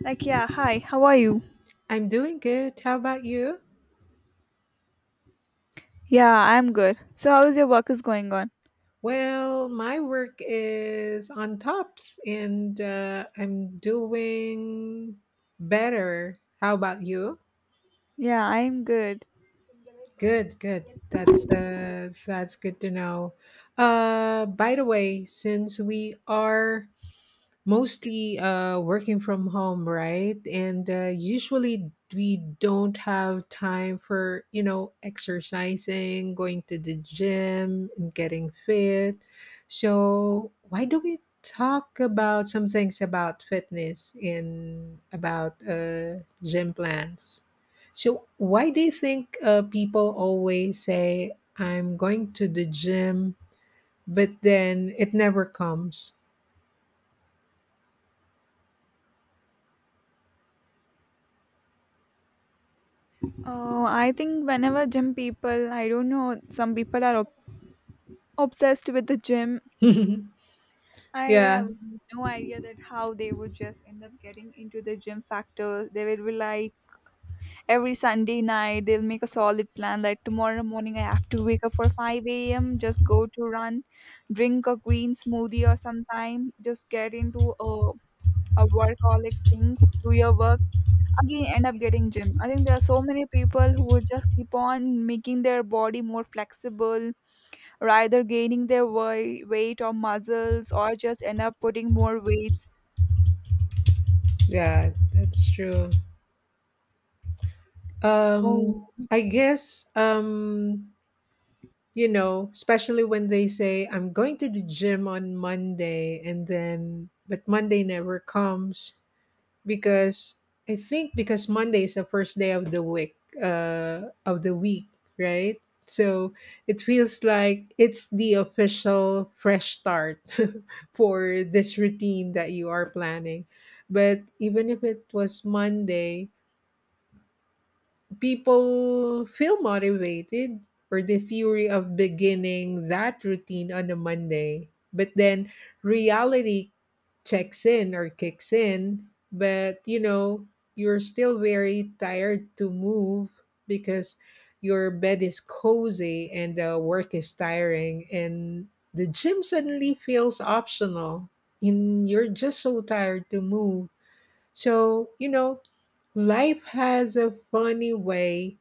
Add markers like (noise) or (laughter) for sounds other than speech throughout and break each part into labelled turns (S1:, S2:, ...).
S1: Like, yeah, hi, how are you?
S2: I'm doing good. How about you?
S1: Yeah, I'm good. So, how is your work is going on?
S2: Well, my work is on tops and I'm doing better. How about you?
S1: Yeah, I'm good.
S2: Good, good. That's good to know. By the way, since we are mostly working from home, right? And usually we don't have time for, you know, exercising, going to the gym, and getting fit. So, why do we talk about some things about fitness and about gym plans? So, why do you think people always say, I'm going to the gym, but then it never comes?
S1: Oh, I think whenever gym people, I don't know, some people are obsessed with the gym.
S2: (laughs)
S1: I
S2: yeah.
S1: have no idea that how they would just end up getting into the gym factor. They will be like every Sunday night they'll make a solid plan like tomorrow morning I have to wake up for 5 a.m. just go to run, drink a green smoothie or sometime, just get into a workaholic things, do your work, again end up getting gym. I think there are so many people who would just keep on making their body more flexible, or either gaining their weight or muscles, or just end up putting more weights.
S2: Yeah, that's true.
S1: Oh.
S2: I guess you know, especially when they say I'm going to the gym on Monday and then but Monday never comes because I think because Monday is the first day of the week, right? So it feels like it's the official fresh start (laughs) for this routine that you are planning. But even if it was Monday, people feel motivated or the theory of beginning that routine on a Monday. But then reality checks in or kicks in, but you're still very tired to move because your bed is cozy and work is tiring and the gym suddenly feels optional and you're just so tired to move. So, life has a funny way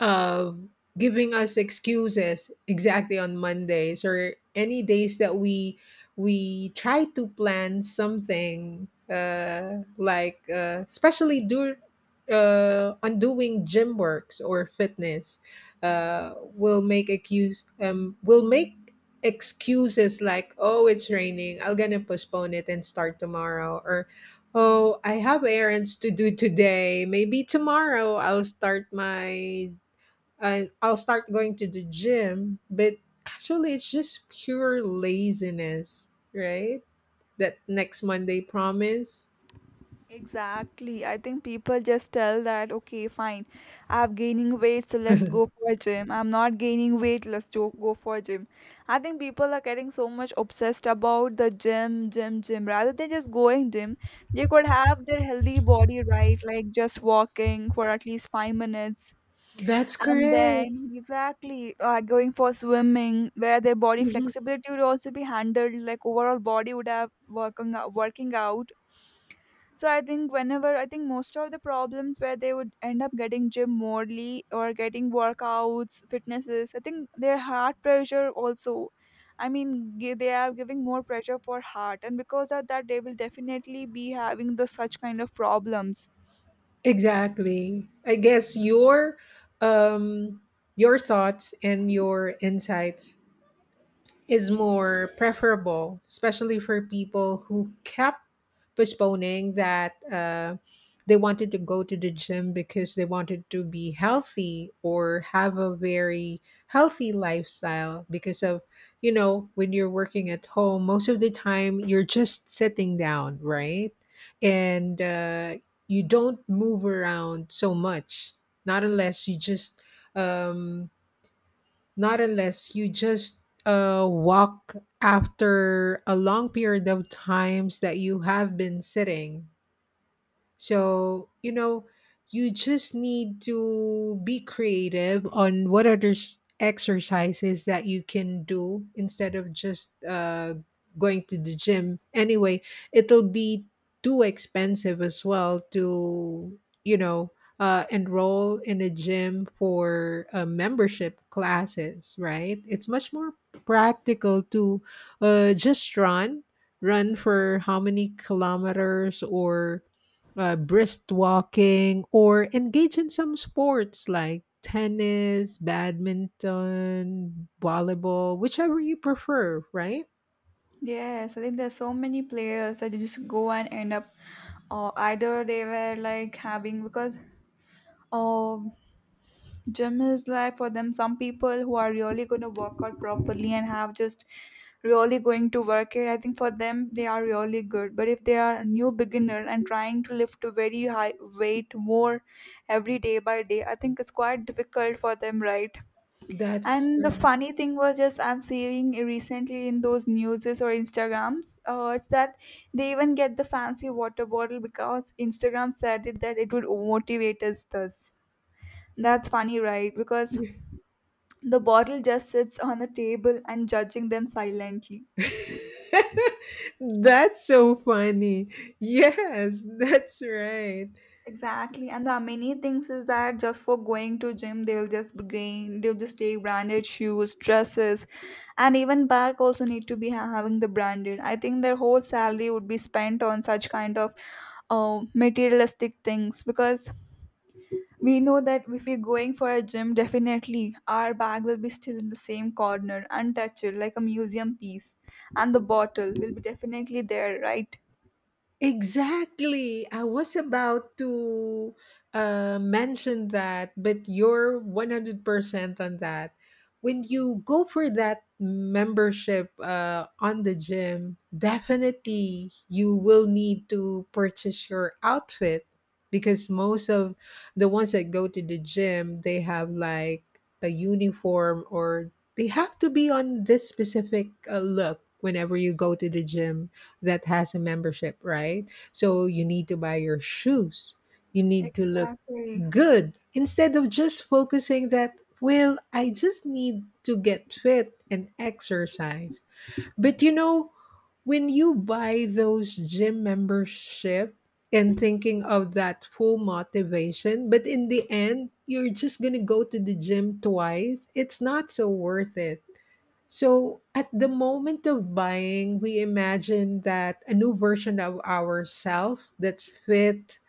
S2: um, giving us excuses exactly on Mondays or any days that we try to plan something like especially do on doing gym works or fitness will make excuse will make excuses like oh it's raining I'm gonna postpone it and start tomorrow or oh I have errands to do today maybe tomorrow I'll start my and I'll start going to the gym, but actually it's just pure laziness, right? That next Monday promise.
S1: Exactly. I think people just tell that, okay, fine, I'm gaining weight, so let's go
S2: (laughs)
S1: for a gym. I'm not gaining weight, let's go for a gym. I think people are getting so much obsessed about the gym, gym, gym. Rather than just going gym, they could have their healthy body right, like just walking for at least 5 minutes.
S2: That's
S1: And
S2: correct.
S1: then exactly going for swimming, where their body
S2: Mhm.
S1: flexibility would also be handled, like overall body would have working out, working out, so I think whenever I think most of the problems where they would end up getting gym morely or getting workouts, fitnesses, I think their heart pressure also. I mean, they are giving more pressure for heart, and because of that, they will definitely be having the such kind of problems.
S2: Exactly. I guess um your thoughts and your insights is more preferable, especially for people who kept postponing that they wanted to go to the gym because they wanted to be healthy or have a very healthy lifestyle because of, you know, when you're working at home, most of the time you're just sitting down, right? And you don't move around so much, not unless you just. Um, not unless you just walk after a long period of times that you have been sitting. So, you know, you just need to be creative on what other exercises that you can do instead of just going to the gym. Anyway, it'll be too expensive as well to, you know, enroll in a gym for membership classes, right? It's much more practical to just run, run for how many kilometers or brisk walking, or engage in some sports like tennis, badminton, volleyball, whichever you prefer, right?
S1: Yes, I think there's so many players that just go and end up, or either they were like having because, um, gym is like for them some people who are really going to work out properly and have just really going to work it. I think for them they are really good. But if they are a new beginner and trying to lift a very high weight more every day by day, I think it's quite difficult for them, right?
S2: That's
S1: And the
S2: correct.
S1: funny thing was just I'm seeing recently in those newses or Instagrams, it's that they even get the fancy water bottle because Instagram said it that it would motivate us thus. That's funny, right? Because the bottle just sits on the table and judging them silently.
S2: (laughs) That's so funny. Yes, that's right.
S1: Exactly, and the many things is that just for going to gym, they'll just gain, they'll just take branded shoes, dresses, and even bag also need to be having the branded. I think their whole salary would be spent on such kind of materialistic things because we know that if we're going for a gym, definitely our bag will be still in the same corner, untouched, like a museum piece, and the bottle will be definitely there, right?
S2: Exactly. I was about to mention that, but you're 100% on that. When you go for that membership on the gym, definitely you will need to purchase your outfit because most of the ones that go to the gym, they have like a uniform or they have to be on this specific look whenever you go to the gym that has a membership, right? So you need to buy your shoes. You need to look
S1: Exactly.
S2: good instead of just focusing that, well, I just need to get fit and exercise. But you know, when you buy those gym membership and thinking of that full motivation, but in the end, you're just going to go to the gym twice, it's not so worth it. So, at the moment of buying, we imagine that a new version of ourselves that's fit,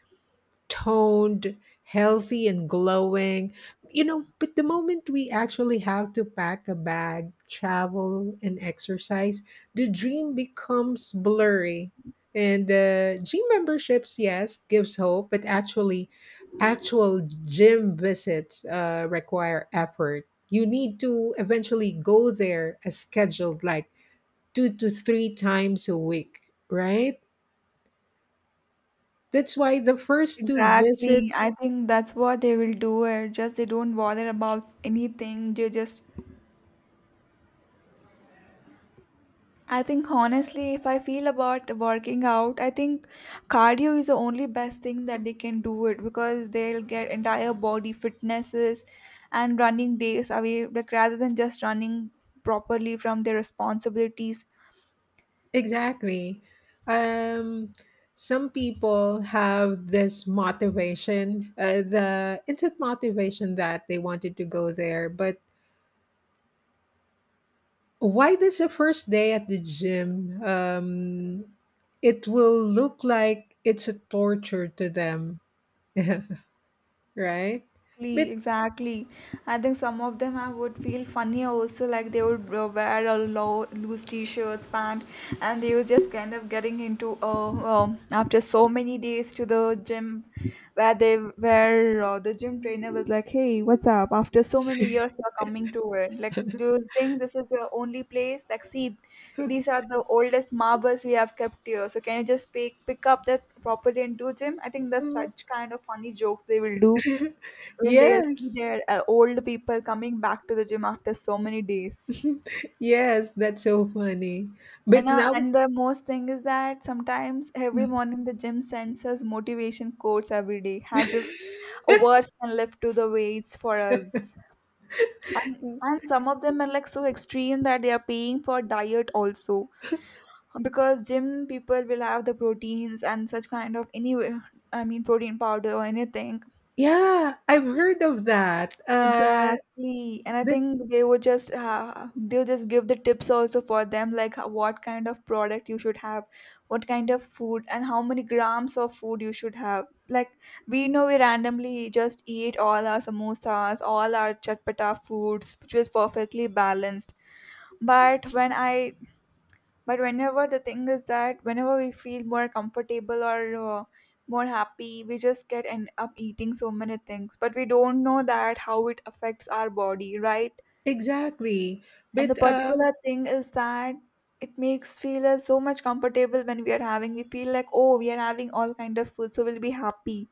S2: toned, healthy, and glowing. You know, but the moment we actually have to pack a bag, travel, and exercise, the dream becomes blurry. And gym memberships, yes, gives hope, but actually, actual gym visits require effort. You need to eventually go there as scheduled, like 2 to 3 times a week, right? That's why the first two
S1: Exactly.
S2: visits
S1: I think that's what they will do. It just they don't bother about anything. They just. I think honestly, if I feel about working out, I think cardio is the only best thing that they can do it because they'll get entire body fitnesses and running days away, like rather than just running properly from their responsibilities.
S2: Exactly. Um, some people have this motivation, the instant motivation that they wanted to go there. But why does the first day at the gym, it will look like it's a torture to them, (laughs) right? But
S1: Exactly, exactly. I think some of them I would feel funny also, like they would wear a low, loose t-shirts, pant, and they were just kind of getting into after so many days to the gym, where the gym trainer was like, "Hey, what's up? After so many years, you're coming to it. Like, do you think this is your only place? Like, see, these are the oldest marbles we have kept here. So can you just pick up that properly and do gym?" I think that's such
S2: (laughs)
S1: kind of funny jokes they will do when they'll see
S2: yes,
S1: their old people coming back to the gym after so many days.
S2: (laughs) yes, that's so funny.
S1: And,
S2: But
S1: uh,
S2: now.
S1: and the most thing is that sometimes every morning the gym sends us motivation quotes every day, as if
S2: (laughs)
S1: words can lift to the weights for us. And some of them are like so extreme that they are paying for diet also, because gym people will have the proteins and such kind of anyway, I mean protein powder or anything.
S2: Yeah, I've heard of that.
S1: Exactly. And I
S2: But
S1: think they would just they'll just give the tips also for them like what kind of product you should have, what kind of food and how many grams of food you should have. Like we know we randomly just eat all our samosas, all our chatpata foods, which was perfectly balanced. But when I but whenever the thing is that whenever we feel more comfortable or uh, more happy we just get end up eating so many things, but we don't know that how it affects our body, right?
S2: exactly.
S1: And the
S2: But
S1: particular thing is that it makes feel us so much comfortable when we are having, we feel like oh we are having all kind of food so we'll be happy,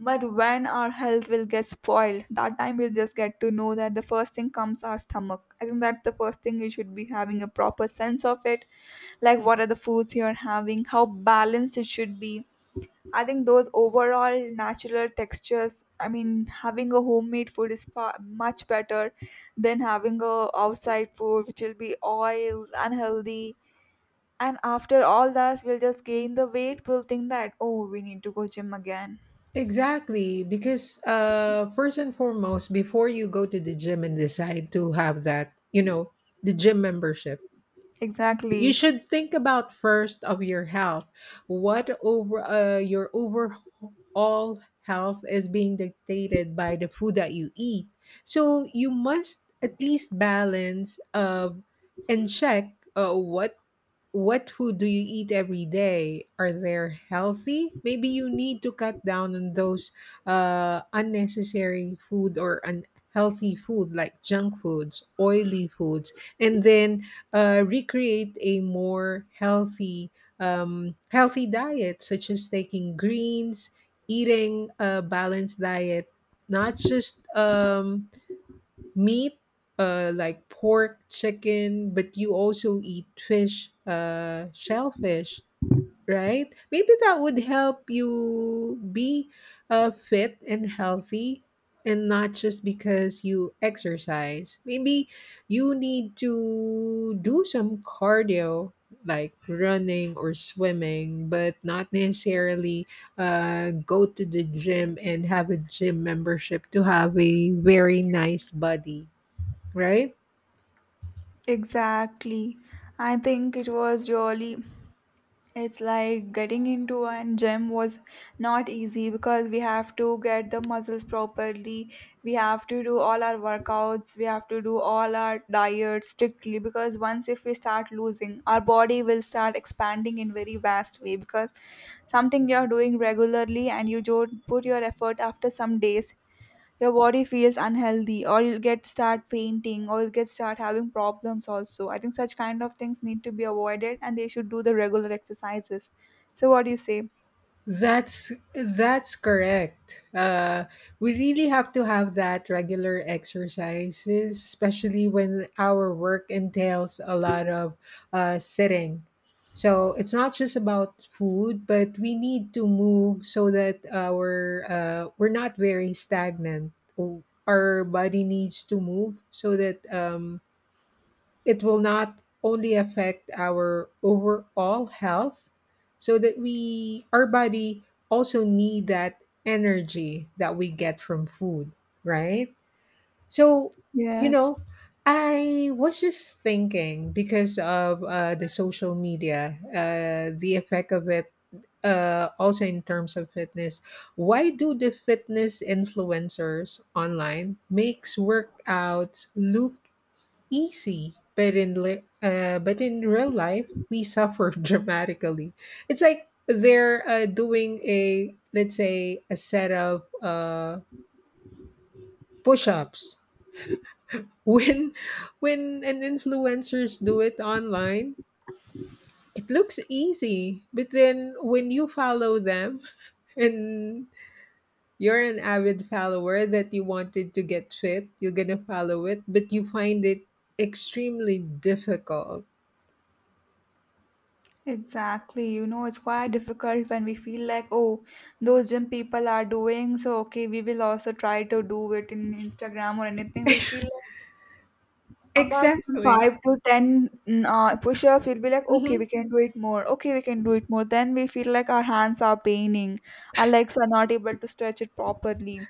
S1: but when our health will get spoiled, that time we'll just get to know that the first thing comes our stomach. I think that's the first thing you should be having a proper sense of it. Like what are the foods you're having, how balanced it should be. I think those overall natural textures, I mean, having a homemade food is far much better than having a outside food which will be oil, unhealthy. And after all that, we'll just gain the weight. We'll think that, oh, we need to go gym again.
S2: exactly because first and foremost, before you go to the gym and decide to have that, you know, the gym membership, you
S1: Exactly.
S2: should think about first of your health. What over your overall health is being dictated by the food that you eat. So you must at least balance and check what food do you eat every day? Are they healthy? Maybe you need to cut down on those unnecessary food or unhealthy food like junk foods, oily foods, and then recreate a more healthy, healthy diet, such as taking greens, eating a balanced diet, not just meat, like pork, chicken, but you also eat fish, shellfish, right? Maybe that would help you be fit and healthy and not just because you exercise. Maybe you need to do some cardio like running or swimming but not necessarily go to the gym and have a gym membership to have a very nice body, right?
S1: Exactly. I think it was really, it's like getting into a gym was not easy because we have to get the muscles properly. We have to do all our workouts. We have to do all our diet strictly because once if we start losing, our body will start expanding in very vast way because something you're doing regularly and you don't put your effort after some days, your body feels unhealthy or you'll get start fainting or you'll get start having problems also. I think such kind of things need to be avoided and they should do the regular exercises. So what do you say?
S2: That's correct. We really have to have that regular exercises, especially when our work entails a lot of sitting. So it's not just about food but we need to move so that our we're not very stagnant. Our body needs to move so that it will not only affect our overall health so that we our body also need that energy that we get from food, right? So you
S1: Yes,
S2: know, I was just thinking because of the social media the effect of it also in terms of fitness, why do the fitness influencers online makes workouts look easy, but but in real life, we suffer (laughs) dramatically. It's like they're doing a let's say a set of push-ups. (laughs) When when an influencers do it online, it looks easy, but then when you follow them, (laughs) and you're an avid follower that you wanted to get fit, you're gonna follow it, but you find it extremely difficult.
S1: exactly. You know it's quite difficult when we feel like oh those gym people are doing so okay we will also try to do it in Instagram or anything we'll feel apart from
S2: Exactly.
S1: 5 to 10 push-ups we'll be like okay
S2: Mhm.
S1: we can do it more okay we can do it more, then we feel like our hands are paining, our legs are not able to stretch it properly.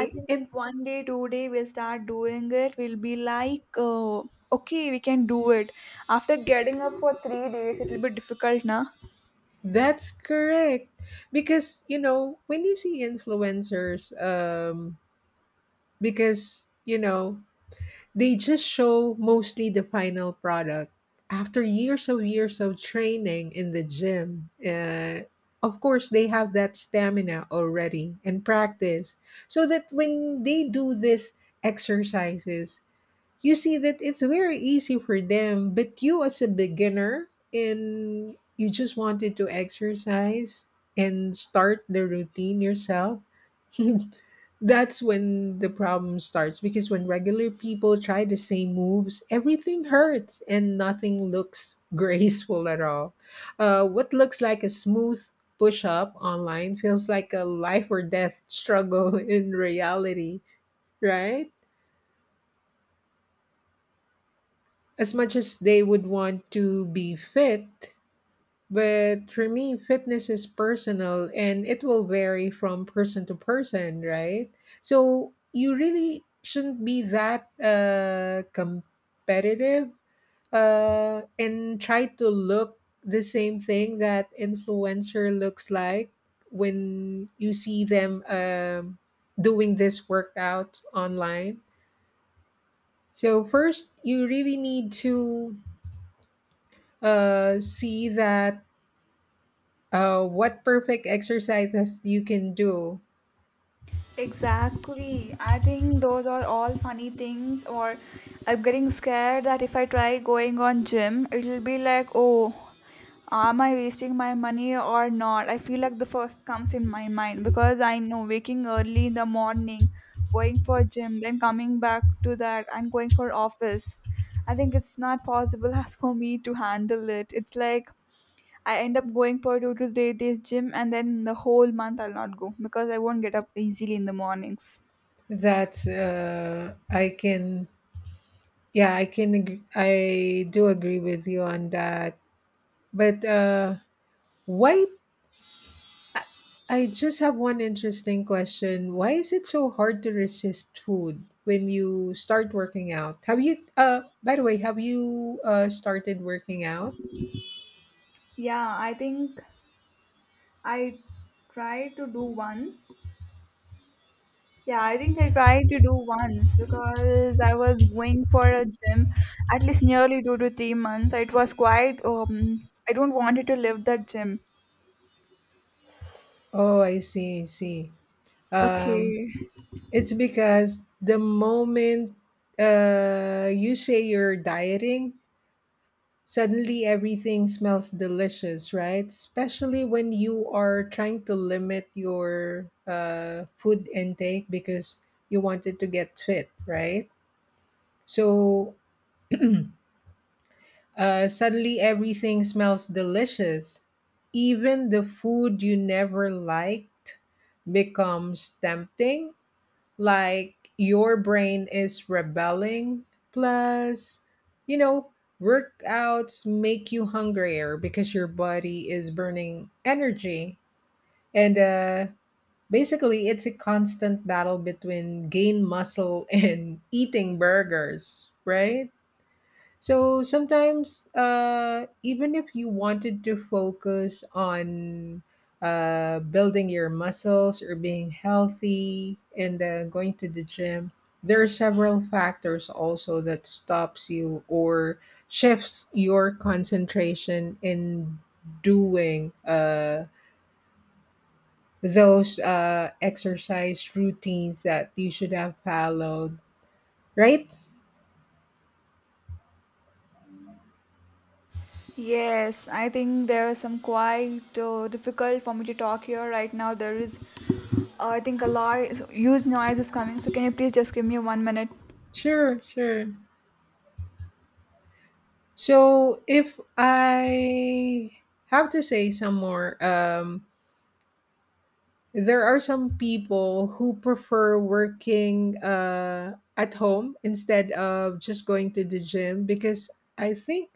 S1: I think
S2: And
S1: if one day two-day we'll start doing it we'll be like okay we can do it, after getting up for 3 days it'll be difficult na.
S2: that's correct. Because, you know, when you see influencers, because, you know, they just show mostly the final product after years of training in the gym. Of course, they have that stamina already and practice so that when they do these exercises, you see that it's very easy for them but you as a beginner and you just wanted to exercise and start the routine yourself (laughs) that's when the problem starts because when regular people try the same moves everything hurts and nothing looks (laughs) graceful at all. What looks like a smooth push-up online feels like a life or death struggle (laughs) in reality, right? As much as they would want to be fit. But for me, fitness is personal and it will vary from person to person, right? So you really shouldn't be that competitive and try to look the same thing that influencer looks like when you see them doing this workout online. So first, you really need to see that what perfect exercises you can do
S1: Exactly. I think those are all funny things or I'm getting scared that if I try going on gym, it'll be like, "Oh, am I wasting my money or not?" I feel like the first comes in my mind because I know waking early in the morning, going for gym, then coming back to that and going for office. I think it's not possible (laughs) as for me to handle it. It's like I end up going for 2 to 3 days gym, and then the whole month I'll not go because I won't get up easily in the mornings.
S2: that I can yeah I can I do agree with you on that but why I I just have one interesting question why is it so hard to resist food when you start working out have you by the way have you started working out
S1: Yeah, I think I tried to do once. Yeah, I think I tried to do once because I was going for a gym at least nearly 2 to 3 months. It was quite, I don't wanted to leave that gym.
S2: oh I see um
S1: Okay.
S2: it's because the moment you say you're dieting, suddenly everything smells delicious, right? Especially when you are trying to limit your food intake because you wanted to get fit, right? So suddenly everything smells delicious. Even the food you never liked becomes tempting like your brain is rebelling plus you know workouts make you hungrier because your body is burning energy and basically it's a constant battle between gain muscle (laughs) and eating burgers, right? So sometimes, even if you wanted to focus on building your muscles or being healthy and going to the gym, there are several factors also that stops you or shifts your concentration in doing those exercise routines that you should have followed, right?
S1: Yes, I think there is some quite difficult for me to talk here right now. There is. I think a lot huge noise is coming. So can you please just give me one minute?
S2: Sure, sure. So if I have to say some more, there are some people who prefer working at home instead of just going to the gym because I think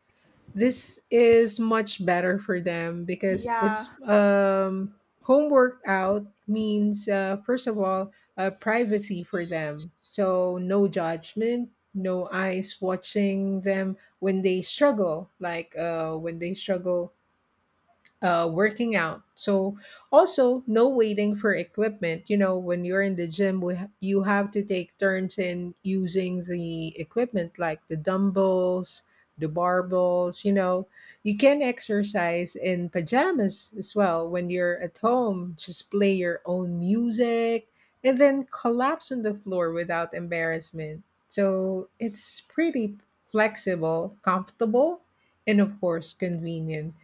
S2: this is much better for them because it's
S1: Yeah,
S2: um, Home workout means first of all privacy for them, so no judgment, no eyes watching them when they struggle, like when they struggle working out. So also no waiting for equipment. You know, when you're in the gym, you have to take turns in using the equipment, like the dumbbells, the barbells. You know, you can exercise in pajamas as well when you're at home. Just play your own music and then collapse on the floor without embarrassment. So it's pretty flexible, comfortable, and of course convenient,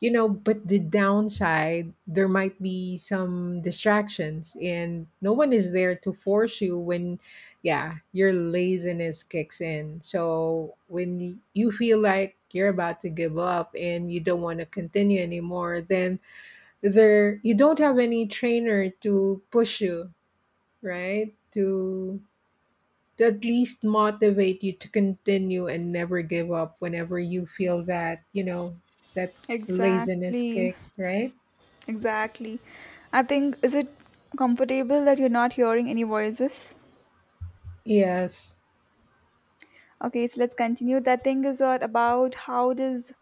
S2: you know. But the downside, there might be some distractions and no one is there to force you when, yeah, your laziness kicks in. So when you feel like you're about to give up and you don't want to continue anymore, then there, you don't have any trainer to push you, right, to at least motivate you to continue and never give up whenever you feel that, that laziness
S1: exactly,
S2: kick, right?
S1: exactly. I think is it comfortable that you're not hearing any voices?
S2: Yes.
S1: Okay, so let's continue. The thing is what about how does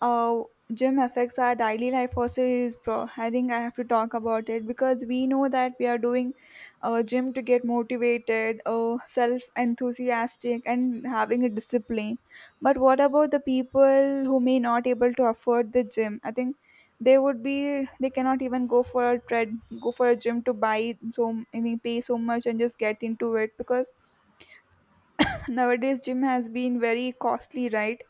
S1: uh, gym affects our daily life also is I think I have to talk about it because we know that we are doing gym to get motivated, self enthusiastic, and having a discipline. But what about the people who may not able to afford the gym? I think they would be they cannot even go for a tread go for a gym to buy so I mean pay so much and just get into it because nowadays gym has been very costly, right?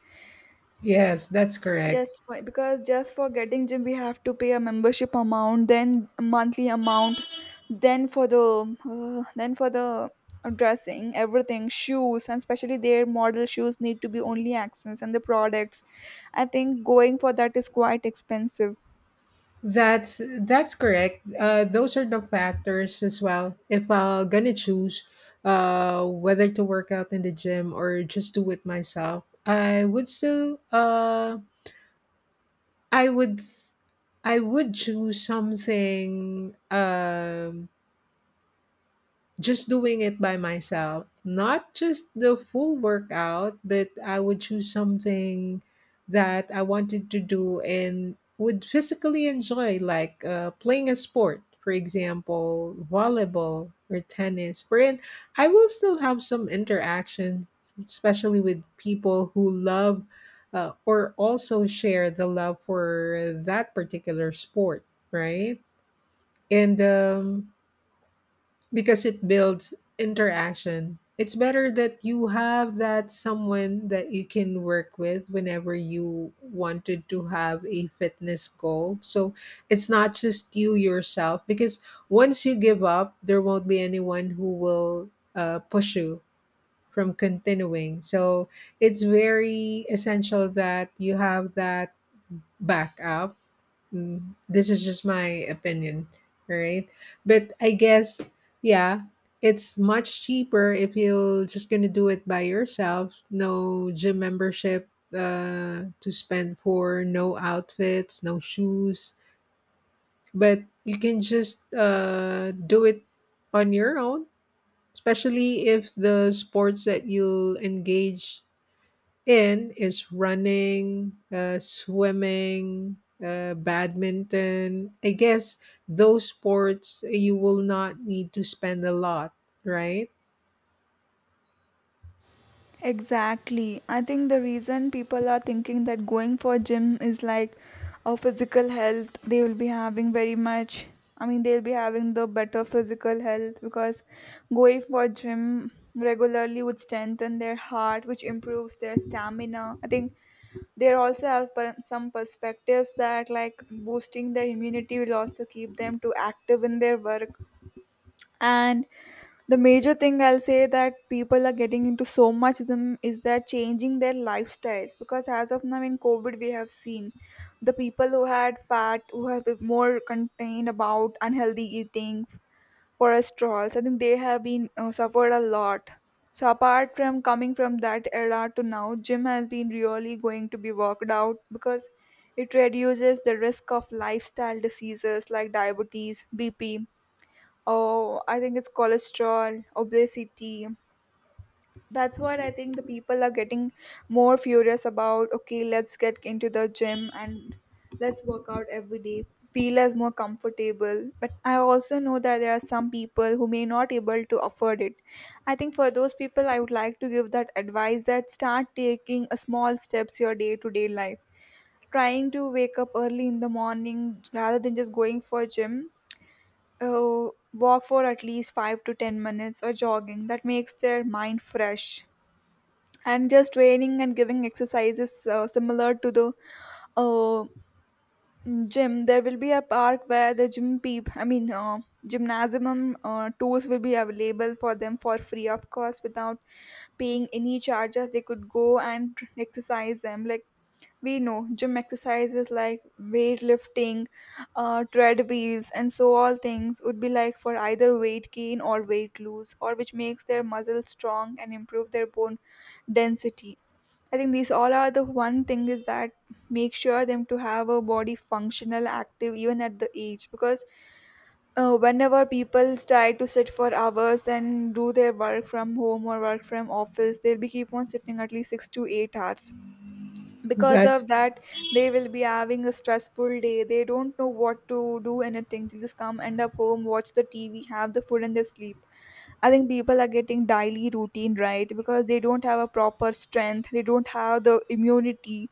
S2: Yes, that's correct.
S1: Just for, because just for getting gym we have to pay a membership amount then a monthly amount, then for the dressing, everything shoes and especially their model shoes need to be only accents and the products. I think going for that is quite expensive.
S2: That's correct. Those are the factors as well. If I'm gonna choose whether to work out in the gym or just do it myself, I would still I would I would choose something, just doing it by myself, not just the full workout, but I would choose something that I wanted to do and would physically enjoy, like playing a sport, for example, volleyball or tennis. Wherein I will still have some interaction, especially with people who love or also share the love for that particular sport, right? And because it builds interaction. It's better that you have that someone that you can work with whenever you wanted to have a fitness goal. So it's not just you yourself, because once you give up, there won't be anyone who will push you from continuing. So it's very essential that you have that backup. Mm, this is just my opinion, right? But I guess, yeah, it's much cheaper if you're just gonna do it by yourself. No gym membership to spend for, no outfits, no shoes. But you can just do it on your own, especially if the sports that you'll engage in is running, swimming, badminton. I guess those sports you will not need to spend a lot, right?
S1: Exactly. I think the reason people are thinking that going for gym is like a physical health, they will be having very much. I mean, they'll be having the better physical health because going for gym regularly would strengthen their heart, which improves their stamina. I think they also have some perspectives that like boosting their immunity will also keep them to active in their work and the major thing I'll say that people are getting into so much them is that changing their lifestyles because as of now in COVID we have seen the people who had fat who have been more contained about unhealthy eating cholesterols. I think they have been suffered a lot, so apart from coming from that era to now gym has been really going to be worked out because it reduces the risk of lifestyle diseases like diabetes, BP. Oh, I think it's cholesterol, obesity. That's what I think the people are getting more furious about. Okay, let's get into the gym and let's work out every day. Feel as more comfortable. But I also know that there are some people who may not able to afford it. I think for those people, I would like to give that advice that start taking a small steps your day to day life. Trying to wake up early in the morning rather than just going for gym, uh, walk for at least 5 to 10 minutes or jogging that makes their mind fresh and just training and giving exercises similar to the uh, gym. There will be a park where the gym peep I mean gymnasium tours will be available for them for free of cost without paying any charges. They could go and exercise them. Like we know gym exercises like weightlifting, treadmills and so all things would be like for either weight gain or weight lose or which makes their muscles strong and improve their bone density. I think these all are the one thing is that make sure them to have a body functional, active even at the age. Because whenever people try to sit for hours and do their work from home or work from office, they'll be keep on sitting at least 6 to 8 hours. Because
S2: That's
S1: of that, they will be having a stressful day. They don't know what to do anything. They just come, end up home, watch the TV, have the food, and they sleep. I think people are getting daily routine right because they don't have a proper strength, they don't have the immunity.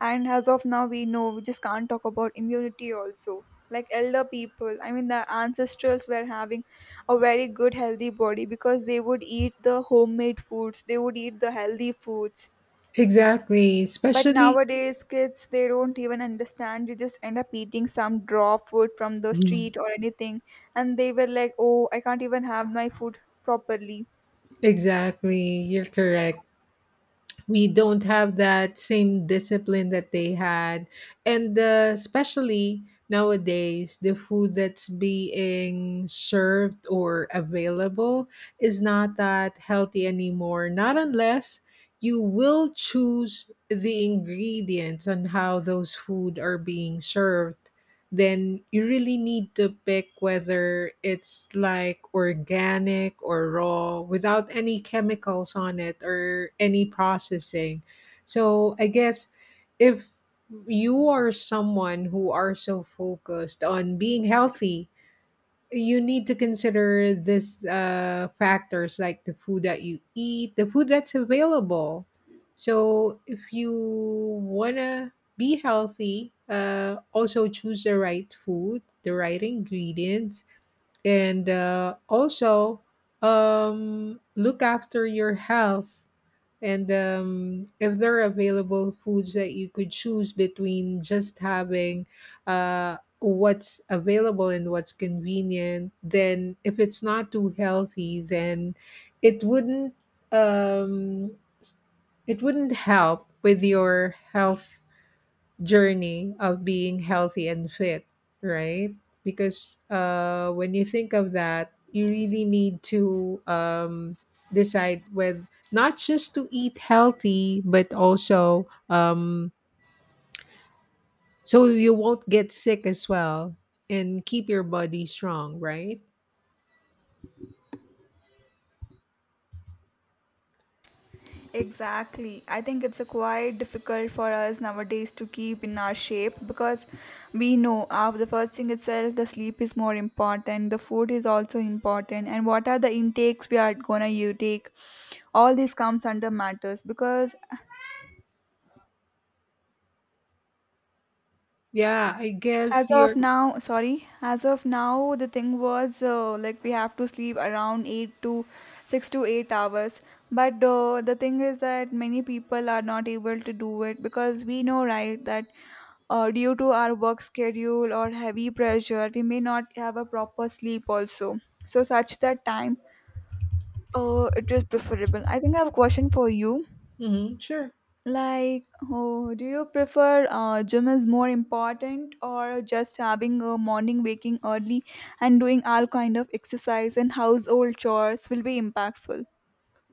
S1: And as of now, we know we just can't talk about immunity also. Like elder people, I mean, the ancestrals were having a very good healthy body because they would eat the homemade foods, they would eat the healthy foods.
S2: exactly,
S1: But
S2: especially.
S1: nowadays, kids, they don't even understand. You just end up eating some raw food from the
S2: Mhm.
S1: street or anything. And they were like, oh, I can't even have my food properly.
S2: Exactly. You're correct. We don't have that same discipline that they had, and especially nowadays the food that's being served or available is not that healthy anymore, not unless you will choose the ingredients and how those food are being served. Then you really need to pick whether it's like organic or raw, without any chemicals on it or any processing. So I guess if you are someone who are so focused on being healthy, you need to consider this factors, like the food that you eat, the food that's available. So if you wanna be healthy, also choose the right food, the right ingredients, and also look after your health, and if there are available foods that you could choose between, just having what's available and what's convenient, then if it's not too healthy, then it wouldn't, um, it wouldn't help with your health journey of being healthy and fit, right? Because when you think of that, you really need to decide with not just to eat healthy, but also, so you won't get sick as well and keep your body strong, right?
S1: Exactly. I think it's a quite difficult for us nowadays to keep in our shape because we know after the first thing itself, the sleep is more important, the food is also important, and what are the intakes we are gonna you take. All this comes under matters because
S2: Yeah, I guess
S1: as of
S2: you're.
S1: now, sorry, as of now, the thing was like we have to sleep around 8 to 6 to 8 hours. But the thing is that many people are not able to do it because we know, right, that due to our work schedule or heavy pressure, we may not have a proper sleep also. So, such that time, it is preferable. I think I have a question for you.
S2: Mhm, sure.
S1: Like, oh, do you prefer gym is more important or just having a morning waking early and doing all kind of exercise and household chores will be impactful?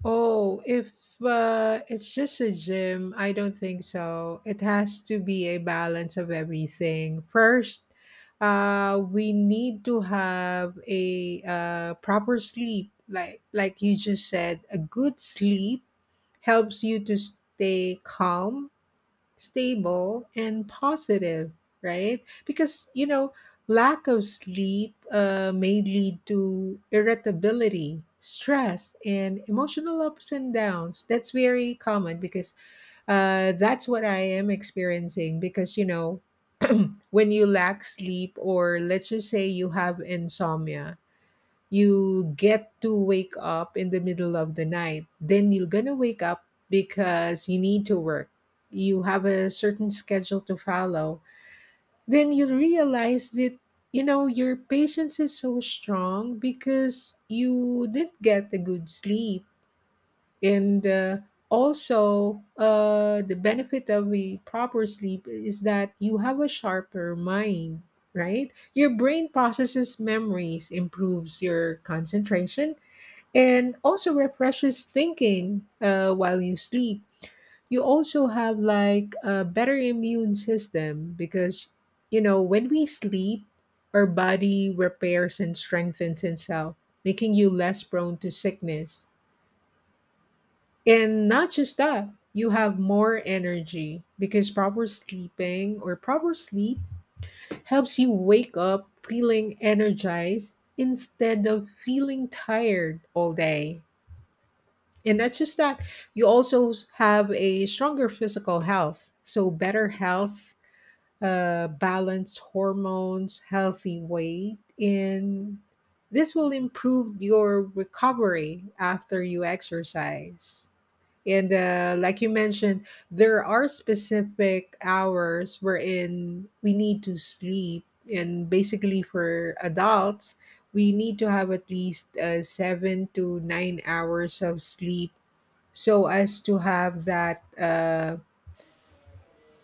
S2: Oh, if it's just a gym, I don't think so. It has to be a balance of everything. First, we need to have a proper sleep. Like you just said, a good sleep helps you to stay calm, stable and positive, right? Because, you know, lack of sleep may lead to irritability, stress, and emotional ups and downs. That's very common because that's what I am experiencing. Because, you know, (clears throat) when you lack sleep, or let's just say you have insomnia, you get to wake up in the middle of the night, then you're gonna wake up because you need to work, you have a certain schedule to follow. Then you realize that, you know, your patience is so strong because you did get a good sleep. And also the benefit of a proper sleep is that you have a sharper mind, right? Your brain processes memories, improves your concentration, and also refreshes thinking while you sleep. You also have like a better immune system because, you know, when we sleep, our body repairs and strengthens itself, making you less prone to sickness. And not just that, you have more energy, because proper sleeping or proper sleep helps you wake up feeling energized instead of feeling tired all day. And not just that, you also have a stronger physical health. So, better health, balanced hormones, healthy weight, and this will improve your recovery after you exercise. And like you mentioned, there are specific hours wherein we need to sleep. And basically, for adults, we need to have at least 7 to 9 hours of sleep so as to have that,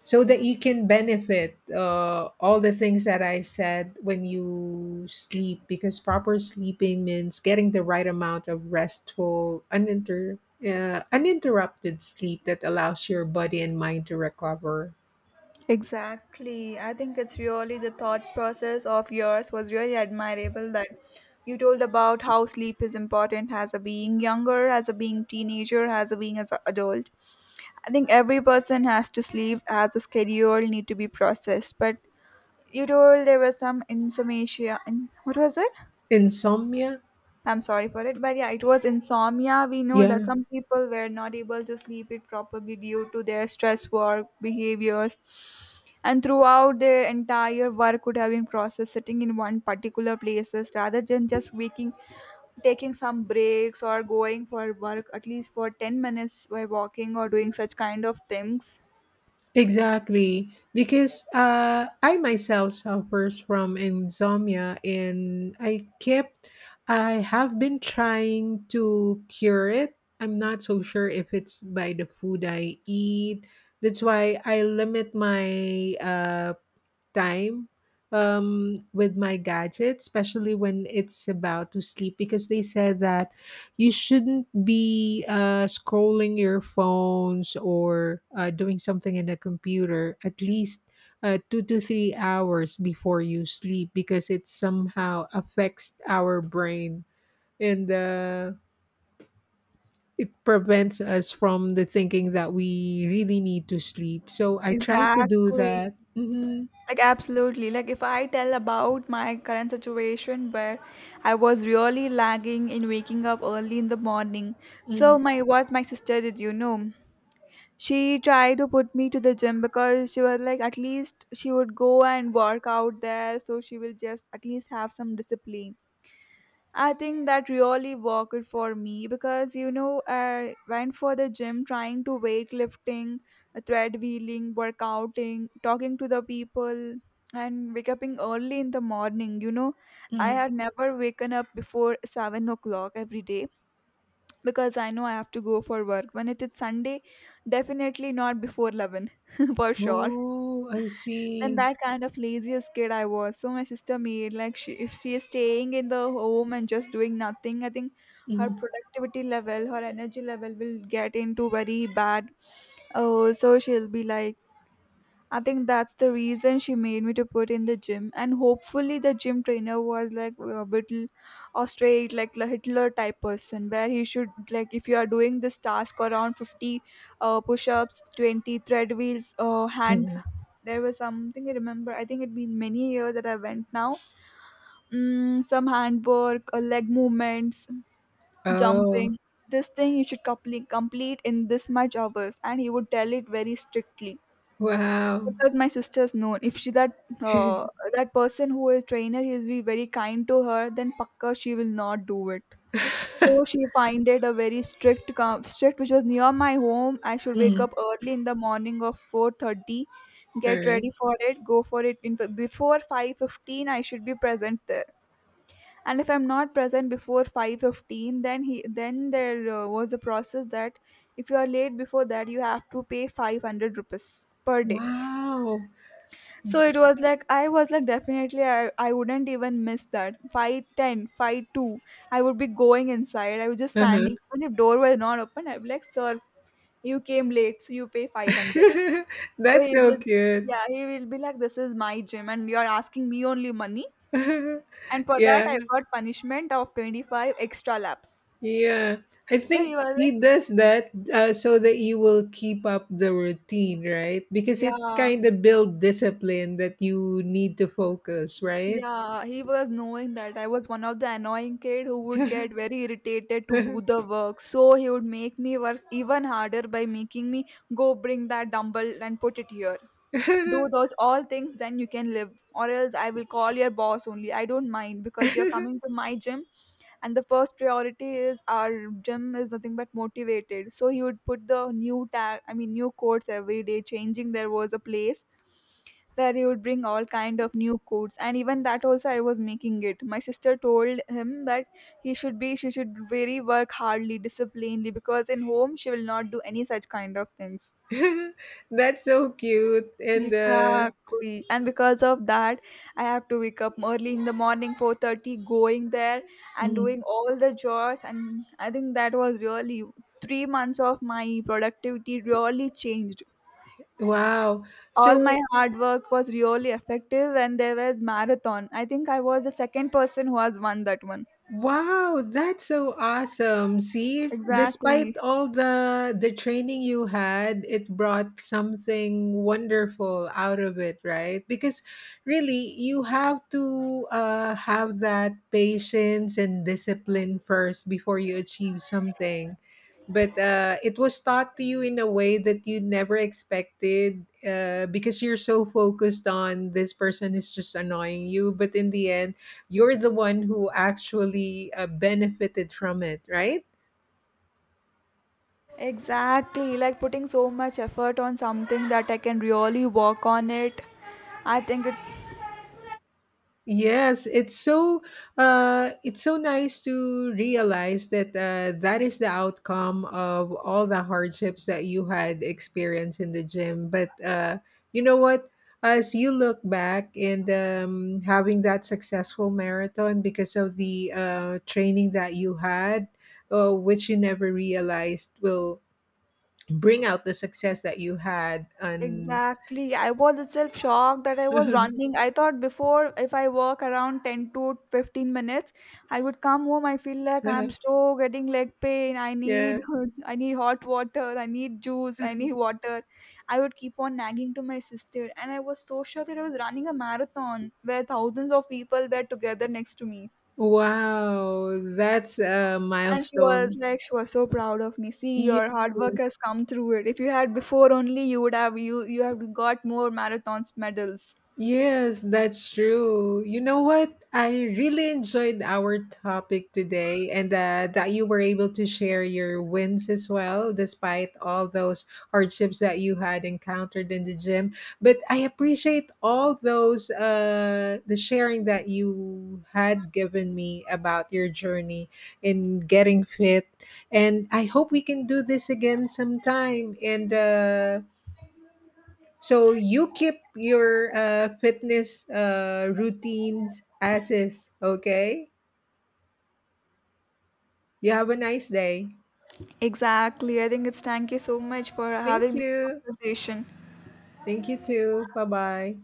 S2: so that you can benefit all the things that I said when you sleep, because proper sleeping means getting the right amount of restful, uninterrupted sleep that allows your body and mind to recover.
S1: Exactly. I think it's really the thought process of yours was really admirable that you told about how sleep is important as a being younger, as a being teenager, as a being as an adult. I think every person has to sleep as a schedule need to be processed, but you told there was some insomnia in what was it.
S2: Insomnia,
S1: I'm sorry for it, but yeah, it was insomnia. We know that
S2: yeah.
S1: some people were not able to sleep it properly due to their stress work behaviors and throughout their entire work could have been processed sitting in one particular places rather than just waking, taking some breaks or going for work at least for 10 minutes by walking or doing such kind of things.
S2: Exactly, because I myself suffers from insomnia, and I have been trying to cure it. I'm not so sure if it's by the food I eat. That's why I limit my time with my gadget, especially when it's about to sleep, because they said that you shouldn't be scrolling your phones or doing something in a computer at least 2 to 3 hours before you sleep, because it somehow affects our brain, and it prevents us from the thinking that we really need to sleep. So I try to do
S1: Exactly.
S2: that. Hmm.
S1: Like, absolutely. Like, if I tell about my current situation where I was really lagging in waking up early in the morning. So, my what my sister did, you know, she tried to put me to the gym because she was like, at least she would go and work out there. So, she will just at least have some discipline. I think that really worked for me because you know I went for the gym trying to weightlifting, thread wheeling, workouting, talking to the people and wake up early in the morning, you know. I had never waken up before 7 o'clock every day because I know I have to go for work. When it is Sunday, definitely not before 11 (laughs) for sure,
S2: Oh, I
S1: then
S2: see.
S1: that kind of laziest kid I was. So my sister made like, she if she is staying in the home and just doing nothing, I think her
S2: Mhm.
S1: productivity level, her energy level will get into very bad. Oh, so she'll be like, I think that's the reason she made me to put in the gym, and hopefully the gym trainer was like a bit or straight like the Hitler type person, where he should like if you are doing this task around 50 push-ups, 20 treadwheels, hand,
S2: (laughs)
S1: there was something I remember. I think it'd been many years that I went now. Mm, some handwork, leg movements,
S2: Oh,
S1: jumping. This thing you should complete in this much hours, and he would tell it very strictly
S2: wow.
S1: because my sister's known. If she that that person who is trainer, he is be very kind to her, then pakka she will not do it. So
S2: (laughs)
S1: she find it a very strict which was near my home. I should wake
S2: Mm.
S1: up early in the morning of 4:30,
S2: All
S1: get
S2: right.
S1: ready for it, go for it in before 5:15 I should be present there. And if I'm not present before 5:15 then he then there was a process that if you are late before that you have to pay 500 rupees per day.
S2: Wow.
S1: So it was like I was like definitely I wouldn't even miss that. 5:10, five two. I would be going inside. I was just standing.
S2: Uh-huh.
S1: Even if door was not open, I'd be like, "Sir, you came late, so you pay 500."
S2: (laughs)
S1: So
S2: That's
S1: he
S2: so
S1: will,
S2: cute.
S1: yeah, he will be like, "This is my gym and you're asking me only money."
S2: (laughs)
S1: And for that
S2: Yeah,
S1: I got punishment of 25 extra laps.
S2: yeah. I
S1: So
S2: think
S1: he was like,
S2: he does that so that you will keep up the routine, right? Because it
S1: yeah.
S2: kind of build discipline that you need to focus, right?
S1: Yeah, he was knowing that I was one of the annoying kid who would get
S2: (laughs)
S1: very irritated to do the work. So he would make me work even harder by making me go bring that dumbbell and put it here. Do those all things, then you can live. Or else I will call your boss only. I don't mind because you're coming
S2: (laughs)
S1: to my gym and the first priority is our gym is nothing but motivated. So he would put the new tag I mean new quotes every day changing. There was a place where he would bring all kind of new quotes and even that also I was making it. My sister told him that he should be she should very work hardly disciplinedly because in home she will not do any such kind of things.
S2: That's so cute. And
S1: Exactly. And because of that, I have to wake up early in the morning, 4:30, going there and
S2: Mhm.
S1: doing all the chores. And I think that was really 3 months of my productivity really changed.
S2: Wow.
S1: All my
S2: So,
S1: hard work was really effective and there was marathon. I think I was the second person who has won that one.
S2: wow, that's so awesome. See, despite
S1: Exactly.
S2: all the training you had, it brought something wonderful out of it, right? Because really, you have to have that patience and discipline first before you achieve something. But it was taught to you in a way that you never expected, because you're so focused on this person is just annoying you. But in the end, you're the one who actually benefited from it, right?
S1: Exactly. Like putting so much effort on something that I can really work on it. I think it.
S2: Yes, it's so, it's so nice to realize that that is the outcome of all the hardships that you had experienced in the gym. But you know what, as you look back and, having that successful marathon because of the training that you had, which you never realized will bring out the success that you had on.
S1: Exactly. I was itself shocked that I was running.
S2: (laughs)
S1: I thought before if I walk around 10 to 15 minutes, I would come home. I feel like I'm still getting leg pain. I need
S2: Yeah.
S1: (laughs) I need hot water. I need juice. I need water. I would keep on nagging to my sister and I was so sure that I was running a marathon where thousands of people were together next to me.
S2: Wow, that's a
S1: And she was
S2: milestone.
S1: like, she was so proud of me. See, your hard work
S2: Yes.
S1: has come through it. If you had before only, you would have you have got more marathons medals.
S2: Yes, that's true. You know what? I really enjoyed our topic today, and that you were able to share your wins as well, despite all those hardships that you had encountered in the gym. But I appreciate all those, the sharing that you had given me about your journey in getting fit. And I hope we can do this again sometime. And so you keep your fitness routines as is, okay? You have a nice day.
S1: Exactly. I think it's thank you so much for
S2: Thank
S1: having this
S2: you.
S1: conversation.
S2: Thank you too. Bye bye.